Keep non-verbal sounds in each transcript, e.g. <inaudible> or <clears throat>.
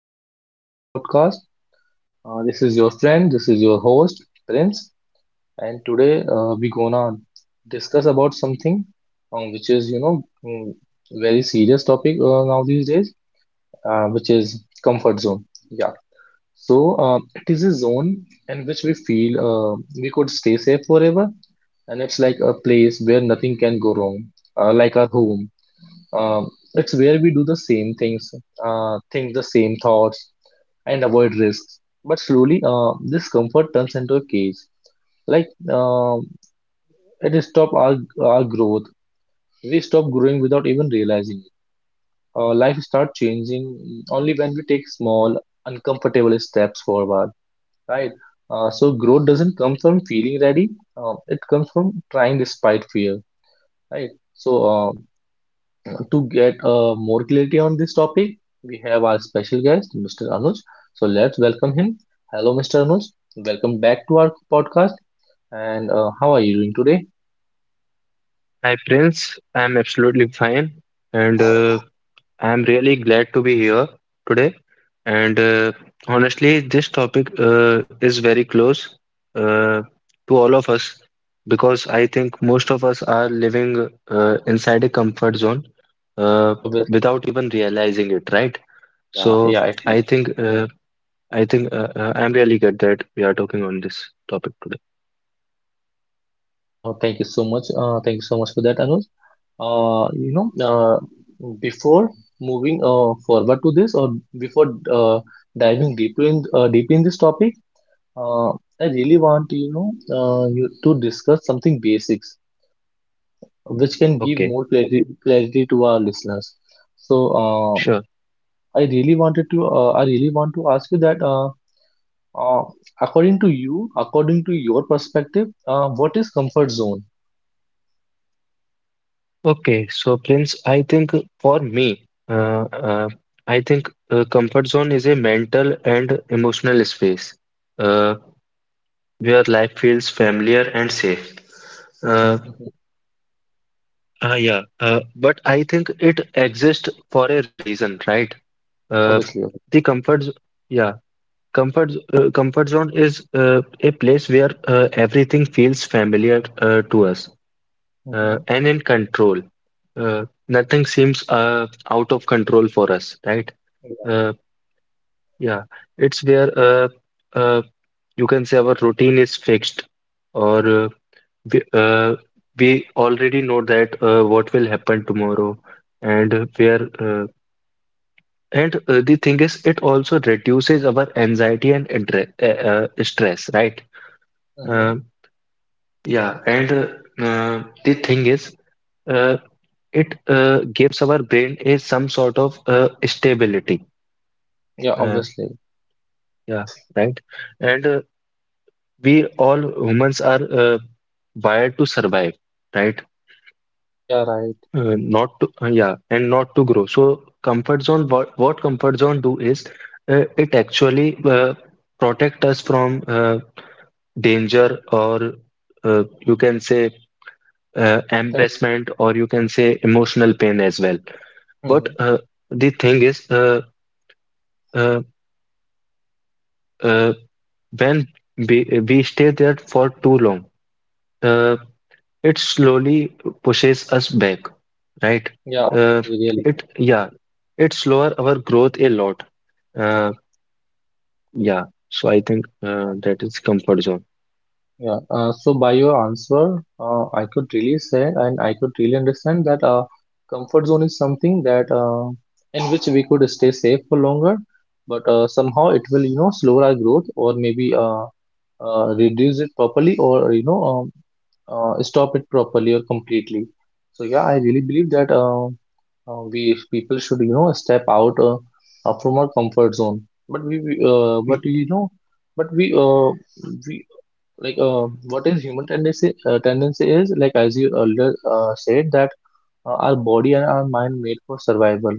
Welcome to our podcast. This is your friend. This is your host, Prince. And today we're gonna discuss about something which is, very serious topic now these days, which is comfort zone. Yeah. So it is a zone in which we feel we could stay safe forever, and it's like a place where nothing can go wrong, like our home. Um it's where we do the same things, think the same thoughts and avoid risks. But slowly, this comfort turns into a cage. Like um it stops our growth. We stop growing without even realizing it. Life starts changing only when we take small, uncomfortable steps forward. Right. So growth doesn't come from feeling ready. It comes from trying despite fear. Right. So to get more clarity on this topic, we have our special guest, Mr. Anuj. So let's welcome him. Hello, Mr. Anuj. Welcome back to our podcast. And how are you doing today? Hi Prince, I'm absolutely fine and I'm really glad to be here today. And honestly, this topic is very close uh, to all of us because I think most of us are living inside a comfort zone uh, Obviously, without even realizing it, right? yeah, So yeah. I- I think uh, I'm really glad that we are talking on this topic today. Oh, thank you so much. Thank you so much for that, Anuj. Uh, you know, uh, Before moving forward to this, or before diving deeper in deep in this topic, uh, I really want you to discuss something basics which can give Okay, more clarity, clarity to our listeners. So sure. I really wanted to I really want to ask you that uh, according to you, according to your perspective, what is comfort zone? Okay, so Prince, I think for me, I think comfort zone is a mental and emotional space uh, where life feels familiar and safe. Uh, Mhm. Yeah, but I think it exists for a reason, right? Uh, Obviously. the comfort, z- yeah, comfort, z- Comfort zone is a place where everything feels familiar to us Mm-hmm. and in control. Nothing seems out of control for us, right? Yeah. Uh, yeah, it's where uh, you can say our routine is fixed, or we, uh, we already know that what will happen tomorrow, and where and the thing is, it also reduces our anxiety and stress, right? Mm-hmm. Uh, yeah, and The thing is, uh, it gives our brain a some sort of stability. Yeah. Uh, Obviously. yeah, right. And we all humans are wired to survive, right? Yeah. Right. Not to, yeah, and not to grow. So comfort zone, what comfort zone do is it actually protect us from danger or you can say Mm-hmm. embarrassment or you can say emotional pain as well. But Mm-hmm. The thing is, uh, uh, when we stay there for too long. Uh, it slowly pushes us back, right? Yeah. Uh, Obviously, really. it yeah, it slower our growth a lot. Uh, yeah, so I think Yeah. That is comfort zone. Yeah, so by your answer, I could really say and I could really understand that comfort zone is something that in which we could stay safe for longer, but somehow it will, you know, slow our growth or maybe reduce it properly or, stop it properly or completely. So, yeah, I really believe that we people should, you know, step out from our comfort zone. But but Y- you know, but we like what is human tendency is like as you earlier said that our body and our mind made for survival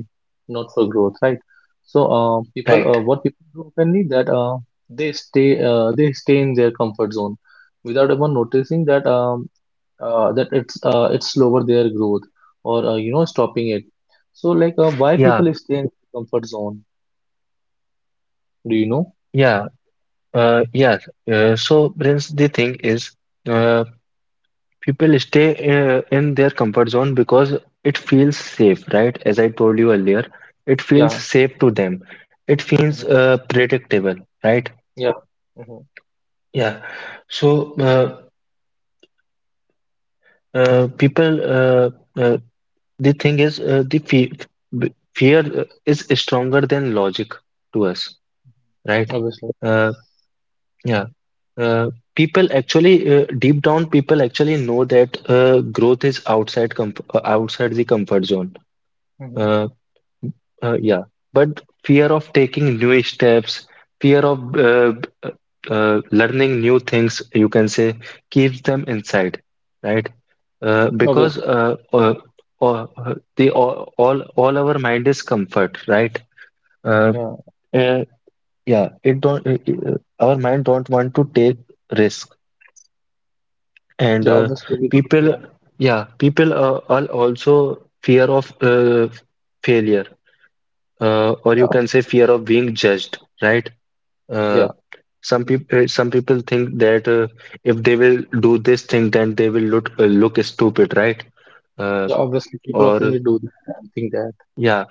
not for growth, right? So people Right. what people do openly that they stay in their comfort zone without even noticing that that it's slower their growth or you know stopping it. So like why Yeah, people stay in comfort zone, do you know? yeah, uh, yeah. So, Prince, the thing is, uh, people stay in their comfort zone because it feels safe, right? As I told you earlier, it feels Yeah. safe to them. It feels Hmm. Predictable, right? Yeah. Hmm. Yeah. So, people, uh, the thing is, the fe b- Fear is stronger than logic to us, right? Obviously. Uh, yeah. Deep down, people actually know that growth is outside comf outside the comfort zone. Hmm. Uh, uh, yeah. But fear of taking new steps, fear of learning new things, you can say, keeps them inside, right? Because Obviously. Uh, the All our mind is comfort, right? Uh, Yeah. uh, yeah, it don't Our mind don't want to take risk, and Yeah, obviously we do. people, Yeah, yeah, people are also fear of failure, or yeah, you can say obviously. fear of being judged, right? Uh, Yeah, some people some people think that if they will do this thing, then they will look stupid, right? Uh, yeah. Obviously, people often or do that, and think that. yeah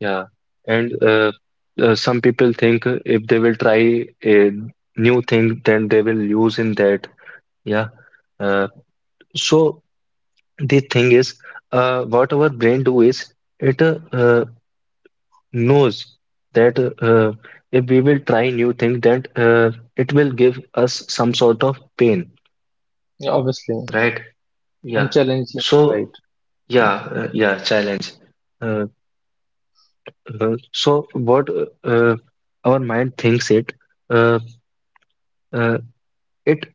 Yeah, and some people think if they will try a new thing, then they will use in that. Yeah. Uh, so the thing is, what our brain do is it knows that if we will try new thing, then it will give us some sort of pain, Yeah, obviously, right? and Yeah. challenge it, right? So yeah, challenge. Uh, so what Our mind thinks it. Uh, uh, It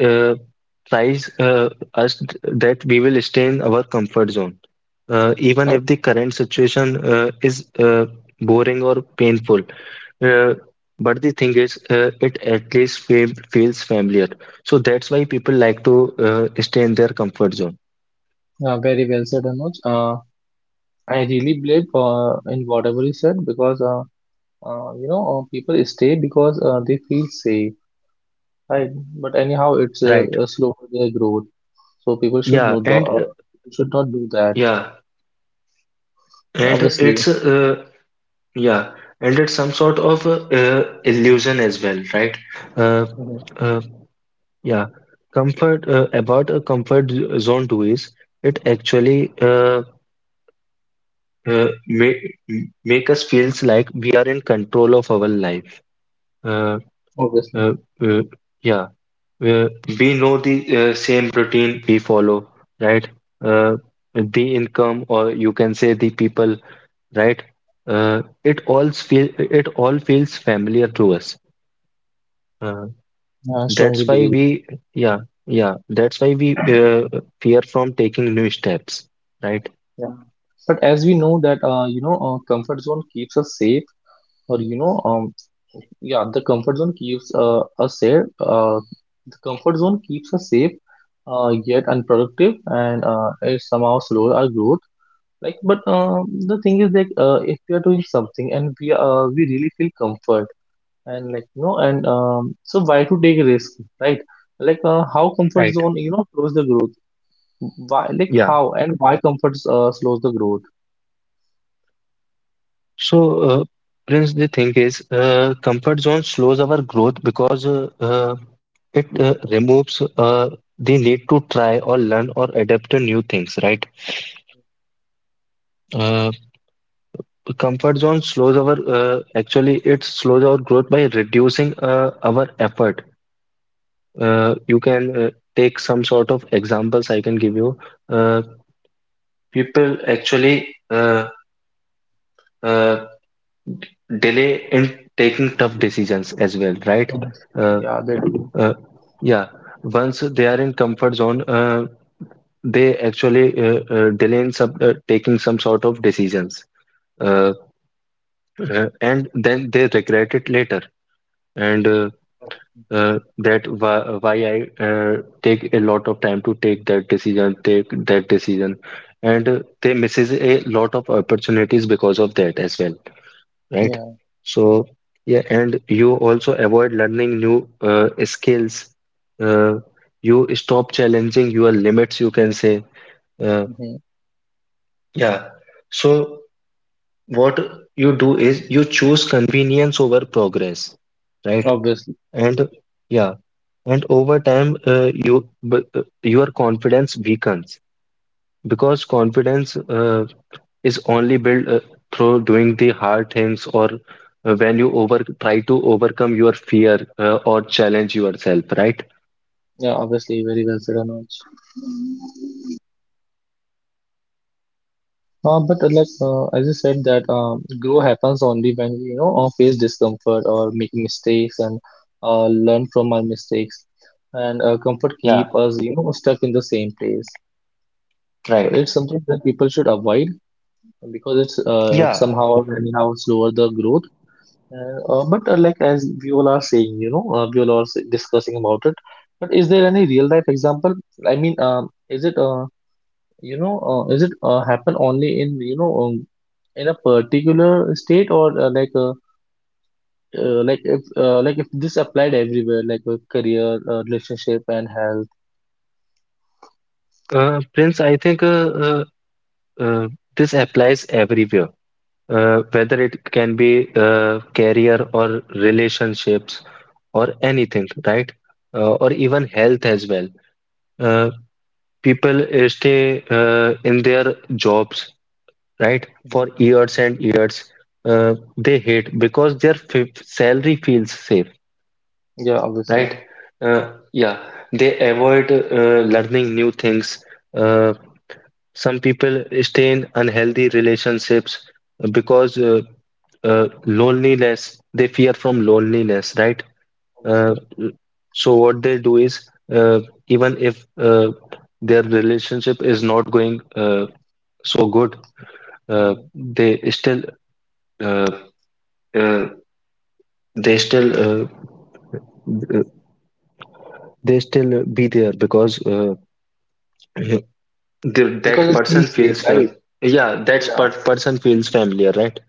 uh, tries us that we will stay in our comfort zone, even Oh, if the current situation is boring or painful. Uh, but the thing is, it at least fe feels familiar. So that's why people like to stay in their comfort zone. yeah, very well said, Anuj. I really believe in whatever you said because people stay because they feel safe, right? But anyhow, it's Right. Slow their growth, so people should Yeah, know the, and uh, should not do that. yeah, Yeah, and obviously. it's yeah, and it's some sort of illusion as well, right? Uh, Mhm. uh, Yeah, comfort about a comfort z- zone too is it actually uh, make make us feels like we are in control of our life. Uh, Obviously. uh, uh, yeah, uh, we know the same routine we follow, right? Uh, the income, or you can say the people, right? It all feels familiar to us. Uh, Yeah, I strongly That's why believe. we, yeah, yeah, that's why we fear from taking new steps, right? Yeah. But as we know that comfort zone keeps us safe or yeah the comfort zone keeps us safe the comfort zone keeps us safe yet unproductive and it somehow slows our growth, like but the thing is like if we are doing something and we really feel comfort and so why to take risk, right? Like how comfort Right. zone you know slows the growth, why like Yeah. how and why comfort slows the growth? So, Prince, the thing is, comfort zone slows our growth because it removes the need to try or learn or adapt to new things, right? Uh, comfort zone slows our, actually, it slows our growth by reducing our effort. You can Take some sort of examples I can give you. Uh, People actually uh, delay in taking tough decisions as well, right? Uh, Yeah, that. uh, yeah, Once they are in comfort zone, they actually delay in taking some sort of decisions, uh, and then they regret it later. And why I take a lot of time to take that decision, and they misses a lot of opportunities because of that as well, right? Yeah. So yeah, and you also avoid learning new skills. Uh, you stop challenging your limits, you can say. Uh, Mhm. yeah. So what you do is you choose convenience over progress, right? Obviously. And yeah, and over time, your confidence weakens because confidence is only built through doing the hard things or when you over try to overcome your fear or challenge yourself, right? Yeah, obviously, very well said, Anuj. But like As you said that growth happens only when we, face discomfort or make mistakes and learn from our mistakes. And comfort Yeah, keep us you know stuck in the same place. So right. it's something that people should avoid because it's Yeah, somehow or anyhow slower the growth. And, but Like as we all are saying, you know, we all are discussing about it. But is there any real life example? I mean, is it you know, is it happen only in in a particular state or like if this applied everywhere, like with career, relationship, and health. Prince, I think uh, this applies everywhere, whether it can be career or relationships or anything, right? Or even health as well. Uh, People stay in their jobs, right? Mhm. For years and years, they hate because their f salary feels safe, Yeah, right? obviously. Yeah, they avoid learning new things. Uh, some people stay in unhealthy relationships because they fear from loneliness, right? Uh, Obviously. so what they do is even if their relationship is not going so good, Mhm. they still uh, uh, they still uh, uh, they still be there because <clears throat> the, that Because it person feels safe, feels fam right? yeah that Yeah, per person feels familiar, right?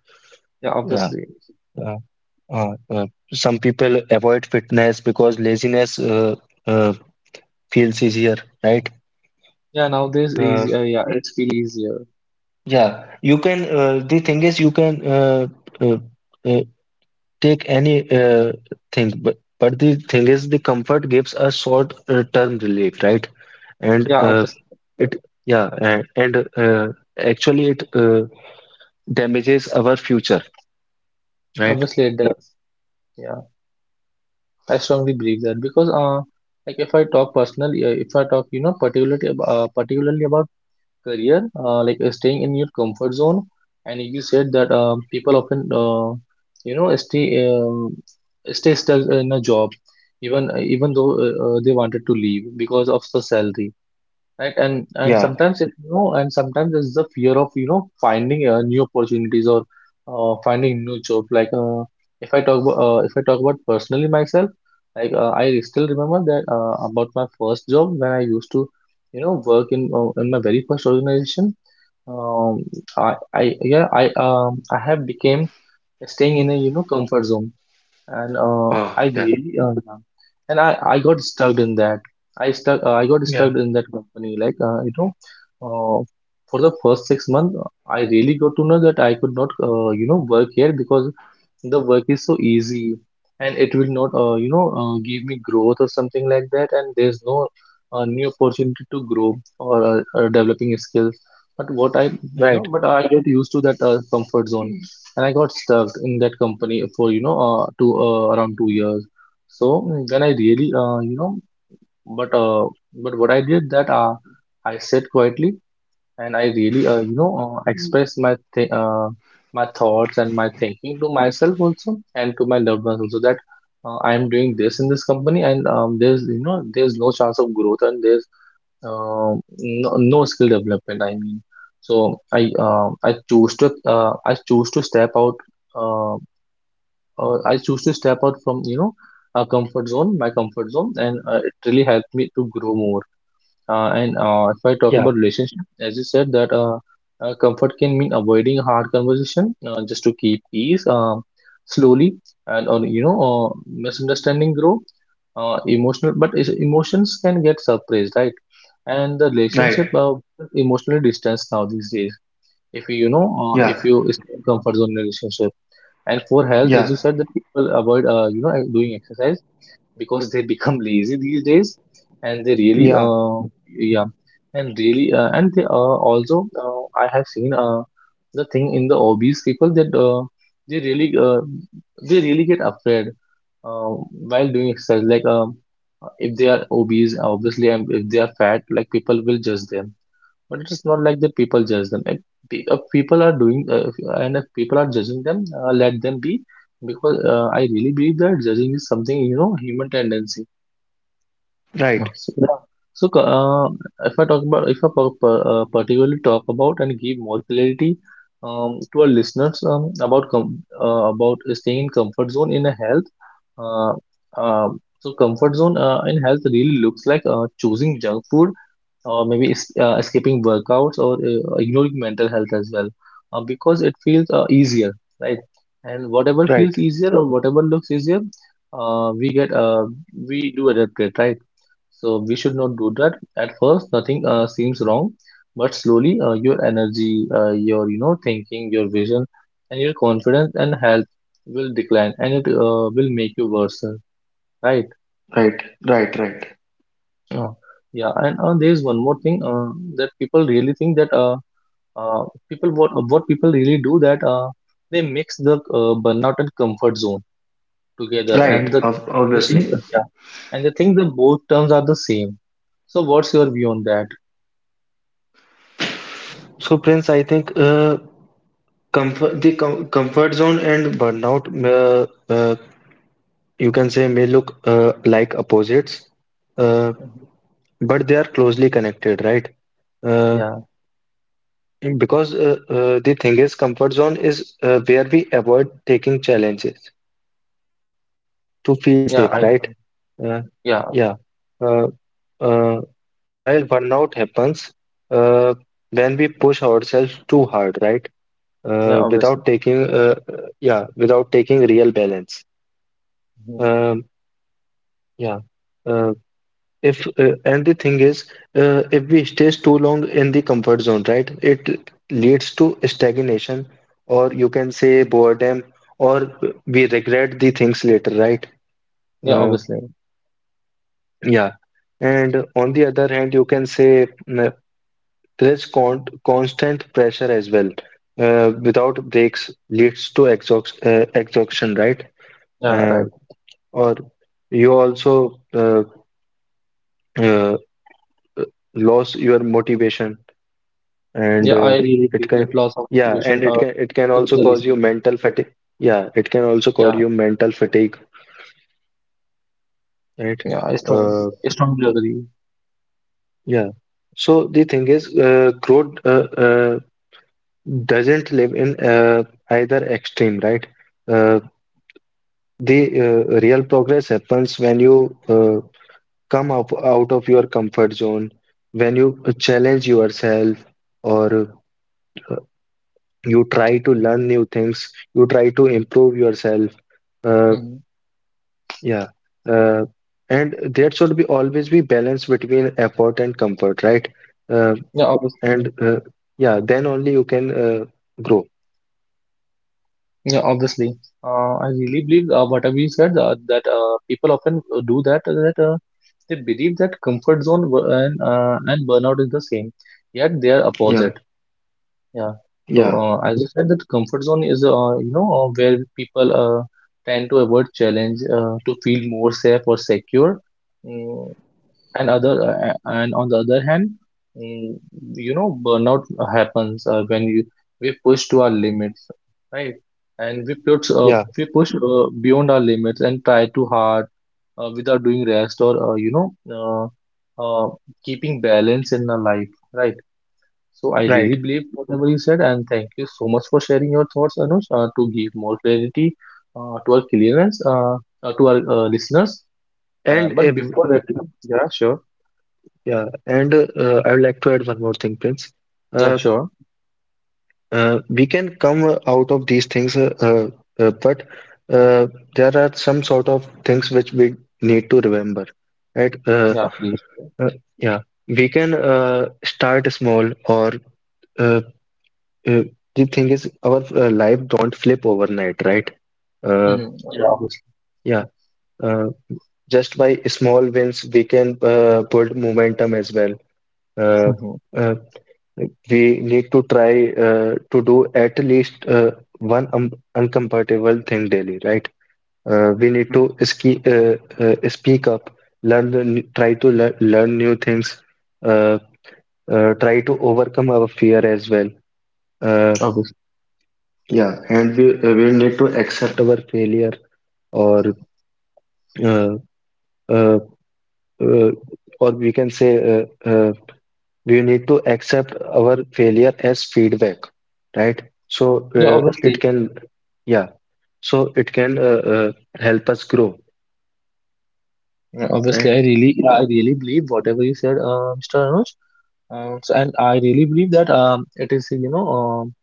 yeah, yeah obviously. uh, uh, uh, some people avoid fitness because laziness uh, feels easier, right? Yeah, nowadays uh, easy. Yeah, it feels easier. yeah you can The thing is, you can uh, uh, take any thing, but the thing is, the comfort gives a short term relief, right? and Yeah, uh, obviously. It yeah, and, and uh, actually it damages our future, right? Obviously it does. Yeah, I strongly believe that because like if I talk personally, if I talk, you know, particularly about career, staying in your comfort zone. And you said that people often, you know, stay stuck in a job, even though they wanted to leave because of the salary, right? And Yeah. sometimes it you know and sometimes there's the fear of you know finding new opportunities or finding new job. Like if I talk about personally myself, like I still remember that about my first job when I used to you know work in my very first organization. Um I I Yeah, I have became staying in a you know comfort zone and Oh, I yeah. really uh, and I got stuck in that. I stuck. I got Yeah. stuck in that company. Like uh, for the first 6 months, I really got to know that I could not, you know, work here because the work is so easy and it will not give me growth or something like that, and there's no new opportunity to grow or developing skills. but what i you know Right. but i get used to that comfort zone and I got stuck in that company for you know to around 2 years. So then I really but uh, but what I did that I sat quietly and I really, express my thoughts and my thinking to myself also and to my loved ones also that I am doing this in this company and there's you know there's no chance of growth and there's uh, no skill development. I mean, so I choose to step out. Uh, I choose to step out from you know a comfort zone, my comfort zone, and it really helped me to grow more. And If I talk Yeah. about relationship, as you said, that comfort can mean avoiding hard conversation just to keep peace. Slowly, and or you know, misunderstanding grow. Emotional, but emotions can get suppressed, right? And the relationship Right. Emotionally distanced now these days. If you, you know, if Yeah. you stay in comfort zone relationship, and for health, as you Yeah. said, that people avoid, you know, doing exercise because they become <laughs> lazy these days and they really Yeah. Yeah and really and they also I have seen the thing in the obese people that they really uh, they really get afraid uh, while doing exercise. Like if they are obese obviously and if they are fat, like people will judge them. But it is not like that people judge them. Like the, if people are doing if, and if people are judging them, let them be, because I really believe that judging is something you know human tendency. Right. So, yeah. so co- uh, if I talk about, if I par- par- particularly talk about and give more clarity to our listeners about about staying in comfort zone in a health. Uh, um so comfort zone in health really looks like choosing junk food, or maybe skipping workouts or ignoring mental health as well, because it feels easier, right? And whatever Right. feels easier or whatever looks easier, uh, we get uh, we do adapt it, right? So we should not do that. At first nothing seems wrong, but slowly your energy, your you know thinking, your vision, and your confidence and health will decline, and it will make you worse, right? Right. Right. Right. Uh, yeah, and there is one more thing, that people really think that Uh, people, what people really do that they mix the burnout and comfort zone together, and Right. the Ob- the thing, obviously. yeah, and they think that both terms are the same. So what's your view on that? So, Prince, I think comfort the com comfort zone and burnout you can say may look like opposites, uh, Mhm. but they are closely connected, right? Uh, Yeah, Because the thing is, comfort zone is where we avoid taking challenges to feel yeah, safe, I right? Uh, yeah, yeah. Uh, uh, while burnout happens uh, when we push ourselves too hard, right? yeah, obviously. Without taking real balance. Mhm. Um, yeah. Uh, If and the thing is, if we stays too long in the comfort zone, right, it leads to stagnation, or you can say boredom, or we regret the things later, right? Yeah, Uh, obviously. yeah. And on the other hand, you can say there is constant pressure as well, without breaks leads to exhaustion, right? Yeah, Uh, right. or you also uh, lose your motivation, and Yeah, I really it believe that can loss of motivation it can could be also the cause you reason. mental fatigue. Yeah it can also cause Yeah, you mental fatigue, right? yeah, uh, I strongly agree. yeah, so the thing is, growth doesn't live in either extreme, right? uh, the real progress happens when you come up out of your comfort zone, when you challenge yourself, or uh, you try to learn new things, you try to improve yourself. Uh, Mhm. Yeah. Uh, and there should be always be balance between effort and comfort, right? Uh, Yeah, obviously. and yeah, then only you can grow. Yeah, obviously. I really believe whatever you said, that people often do that, they believe that comfort zone and burnout is the same, yet they are Yeah, opposite. Yeah. So yeah, as you said, that comfort zone is you know where people tend to avoid challenge to feel more safe or secure. Mm, and other uh, and on the other hand, mm, you know burnout happens when you we push to our limits, right? And yeah, we push beyond our limits and try too hard, without doing rest or you know, uh, uh, keeping balance in our life, right? So I really right. believe whatever you said, and thank you so much for sharing your thoughts, Anush, to give more clarity to our clearance, to our listeners. And But if, before that, yeah, sure. yeah, and I would like to add one more thing, Prince. Yeah, Uh, sure. We can come out of these things, but uh, there are some sort of things which we need to remember, right? Yeah, please. uh, yeah, we can start small, or uh, Uh, the thing is, our life don't flip overnight, right? Uh, Hmm. Yeah. Yeah, obviously. yeah, uh, just by small wins, we can build momentum as well. <laughs> Uh, Mhm. uh, we need to try to do at least one uncomfortable thing daily, right? We need to ski Speak up, learn new things, uh, try to overcome our fear as well. Uh, Obviously. yeah, and we need to accept our failure, or uh, uh, uh, or we can say we need to accept our failure as feedback, right? So Yeah, it obviously. can, yeah, so it can help us grow, Yeah, obviously, I right? really, yeah, I really believe whatever you said, Mr. Anuj. So, and I really believe that it is, you know,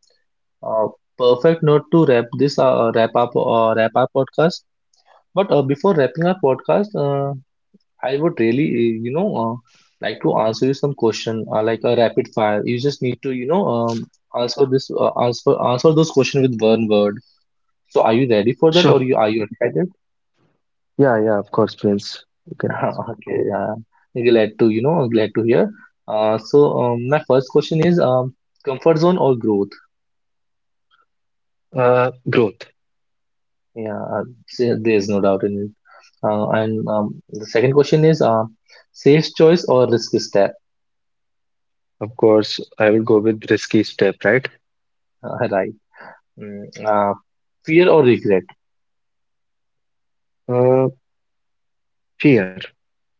uh, perfect note to wrap up podcast. But before wrapping our podcast, I would really you know like to answer you some question, like a rapid fire. You just need to, you know, answer this answer answer those questions with one word. So are you ready for that or Sure. You excited? Yeah, yeah, of course, Prince, you can. <laughs> Okay, yeah. Glad to, you know, glad to hear. So my first question is comfort zone or growth? Growth. Yeah, there's no doubt in it. And the second question is safe choice or risky step? Of course, I will go with risky step, right. <laughs> Right. Mm, fear or regret? uh, Fear,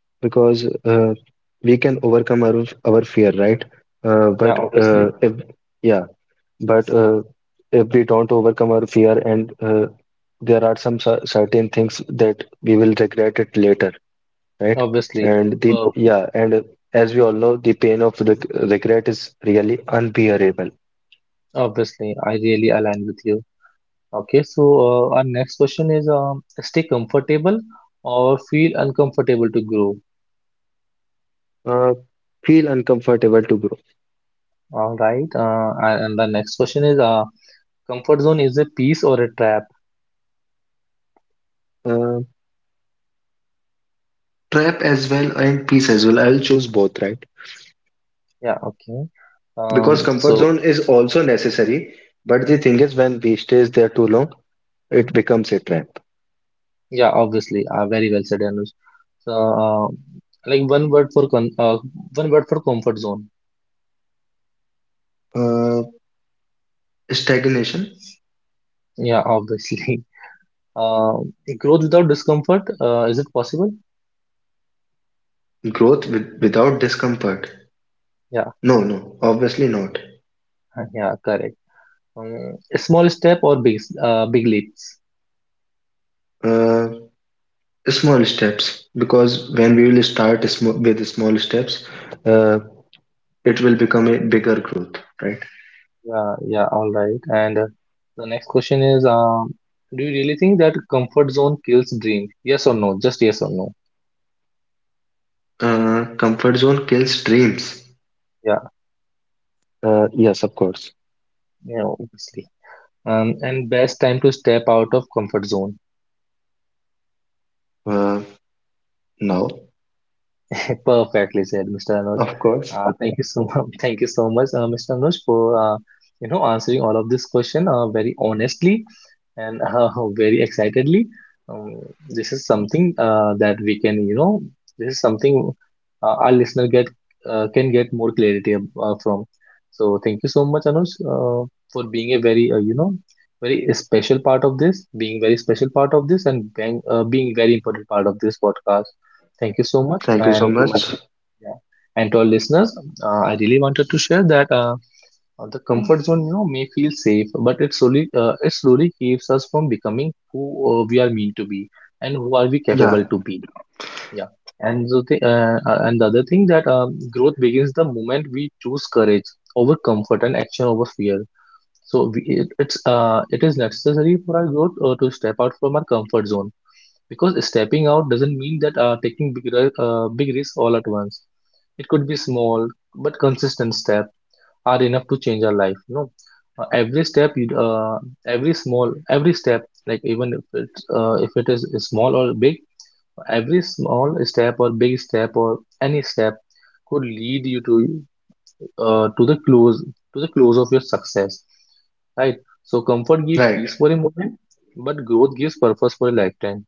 because we can overcome our fear, right? uh, Yeah, but uh, obviously. if yeah, but if we don't overcome our fear, and there are some certain things that we will regret it later, right? Obviously. And the Perfect. yeah, and as we all know, the pain of regret is really unbearable. Obviously, I really align with you. Okay, so our next question is stay comfortable or feel uncomfortable to grow. Uh, Feel uncomfortable to grow. All right. And the next question is comfort zone is a piece or a trap? Uh, Trap as well and peace as well. I will choose both, right? Yeah, okay. Because comfort So, zone is also necessary, but the thing is, when we stays there too long, it becomes a trap. yeah, obviously, very well said, Anuj. So, like one word for con uh, one word for comfort zone. Uh, Stagnation. Yeah, obviously. <laughs> Uh, Growth without discomfort, is it possible? Growth with, without discomfort. Yeah, No, no, obviously not. <laughs> yeah, correct. A small step or big leaps? Uh, Small steps, because when we will start with small steps, uh, it will become a bigger growth, right? Yeah, yeah, all right. And the next question is do you really think that comfort zone kills dream? Yes or no? Just yes or no. Comfort zone kills dreams. Yeah, Yes, of course. yeah, obviously. And best time to step out of comfort zone. Uh, no, <laughs> Perfectly said, Mr. Anuj. of course. Thank you so much. <laughs> Thank you so much, Mr. Anuj, for you know answering all of this question, very honestly and <laughs> very excitedly. Um, this is something that we can, you know, this is something our listener get can get more clarity from. So thank you so much, Anuj, for being a very, you know, very special part of this, being very special part of this, and being very important part of this podcast. Thank you so much, Thank you so and to my much. yeah, and to our listeners, I really wanted to share that. The comfort zone, you know, may feel safe, but it slowly keeps us from becoming who we are meant to be, and who are we capable Yeah, to be. Yeah. And the other thing, that growth begins the moment we choose courage over comfort and action over fear. So we, it, it is necessary for our growth to step out from our comfort zone, because stepping out doesn't mean that taking big risks all at once. It could be small but consistent step are enough to change our life, you know. Every step you d- every small every step like, even if if it is small or big, every small step or big step or any step could lead you to uh, to the close to the close of your success, right? So comfort gives right. peace for a moment, but growth gives purpose for a lifetime.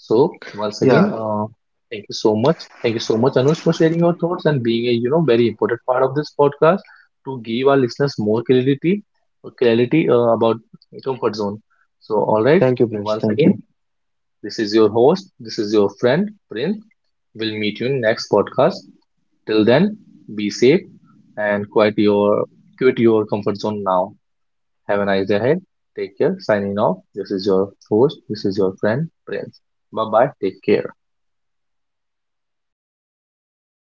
So once again, Yeah. Thank you so much. Thank you so much, Anush, for sharing your thoughts and being a you know very important part of this podcast, to give our listeners more clarity, clarity about comfort zone. So all right, Thank you, Prince. once Thank you. again, this is your host. This is your friend Prince. We'll meet you in next podcast. Till then, be safe and quit your comfort zone now. Have a nice day ahead. Take care. Signing off. This is your host. This is your friend Prince. Bye bye. Take care.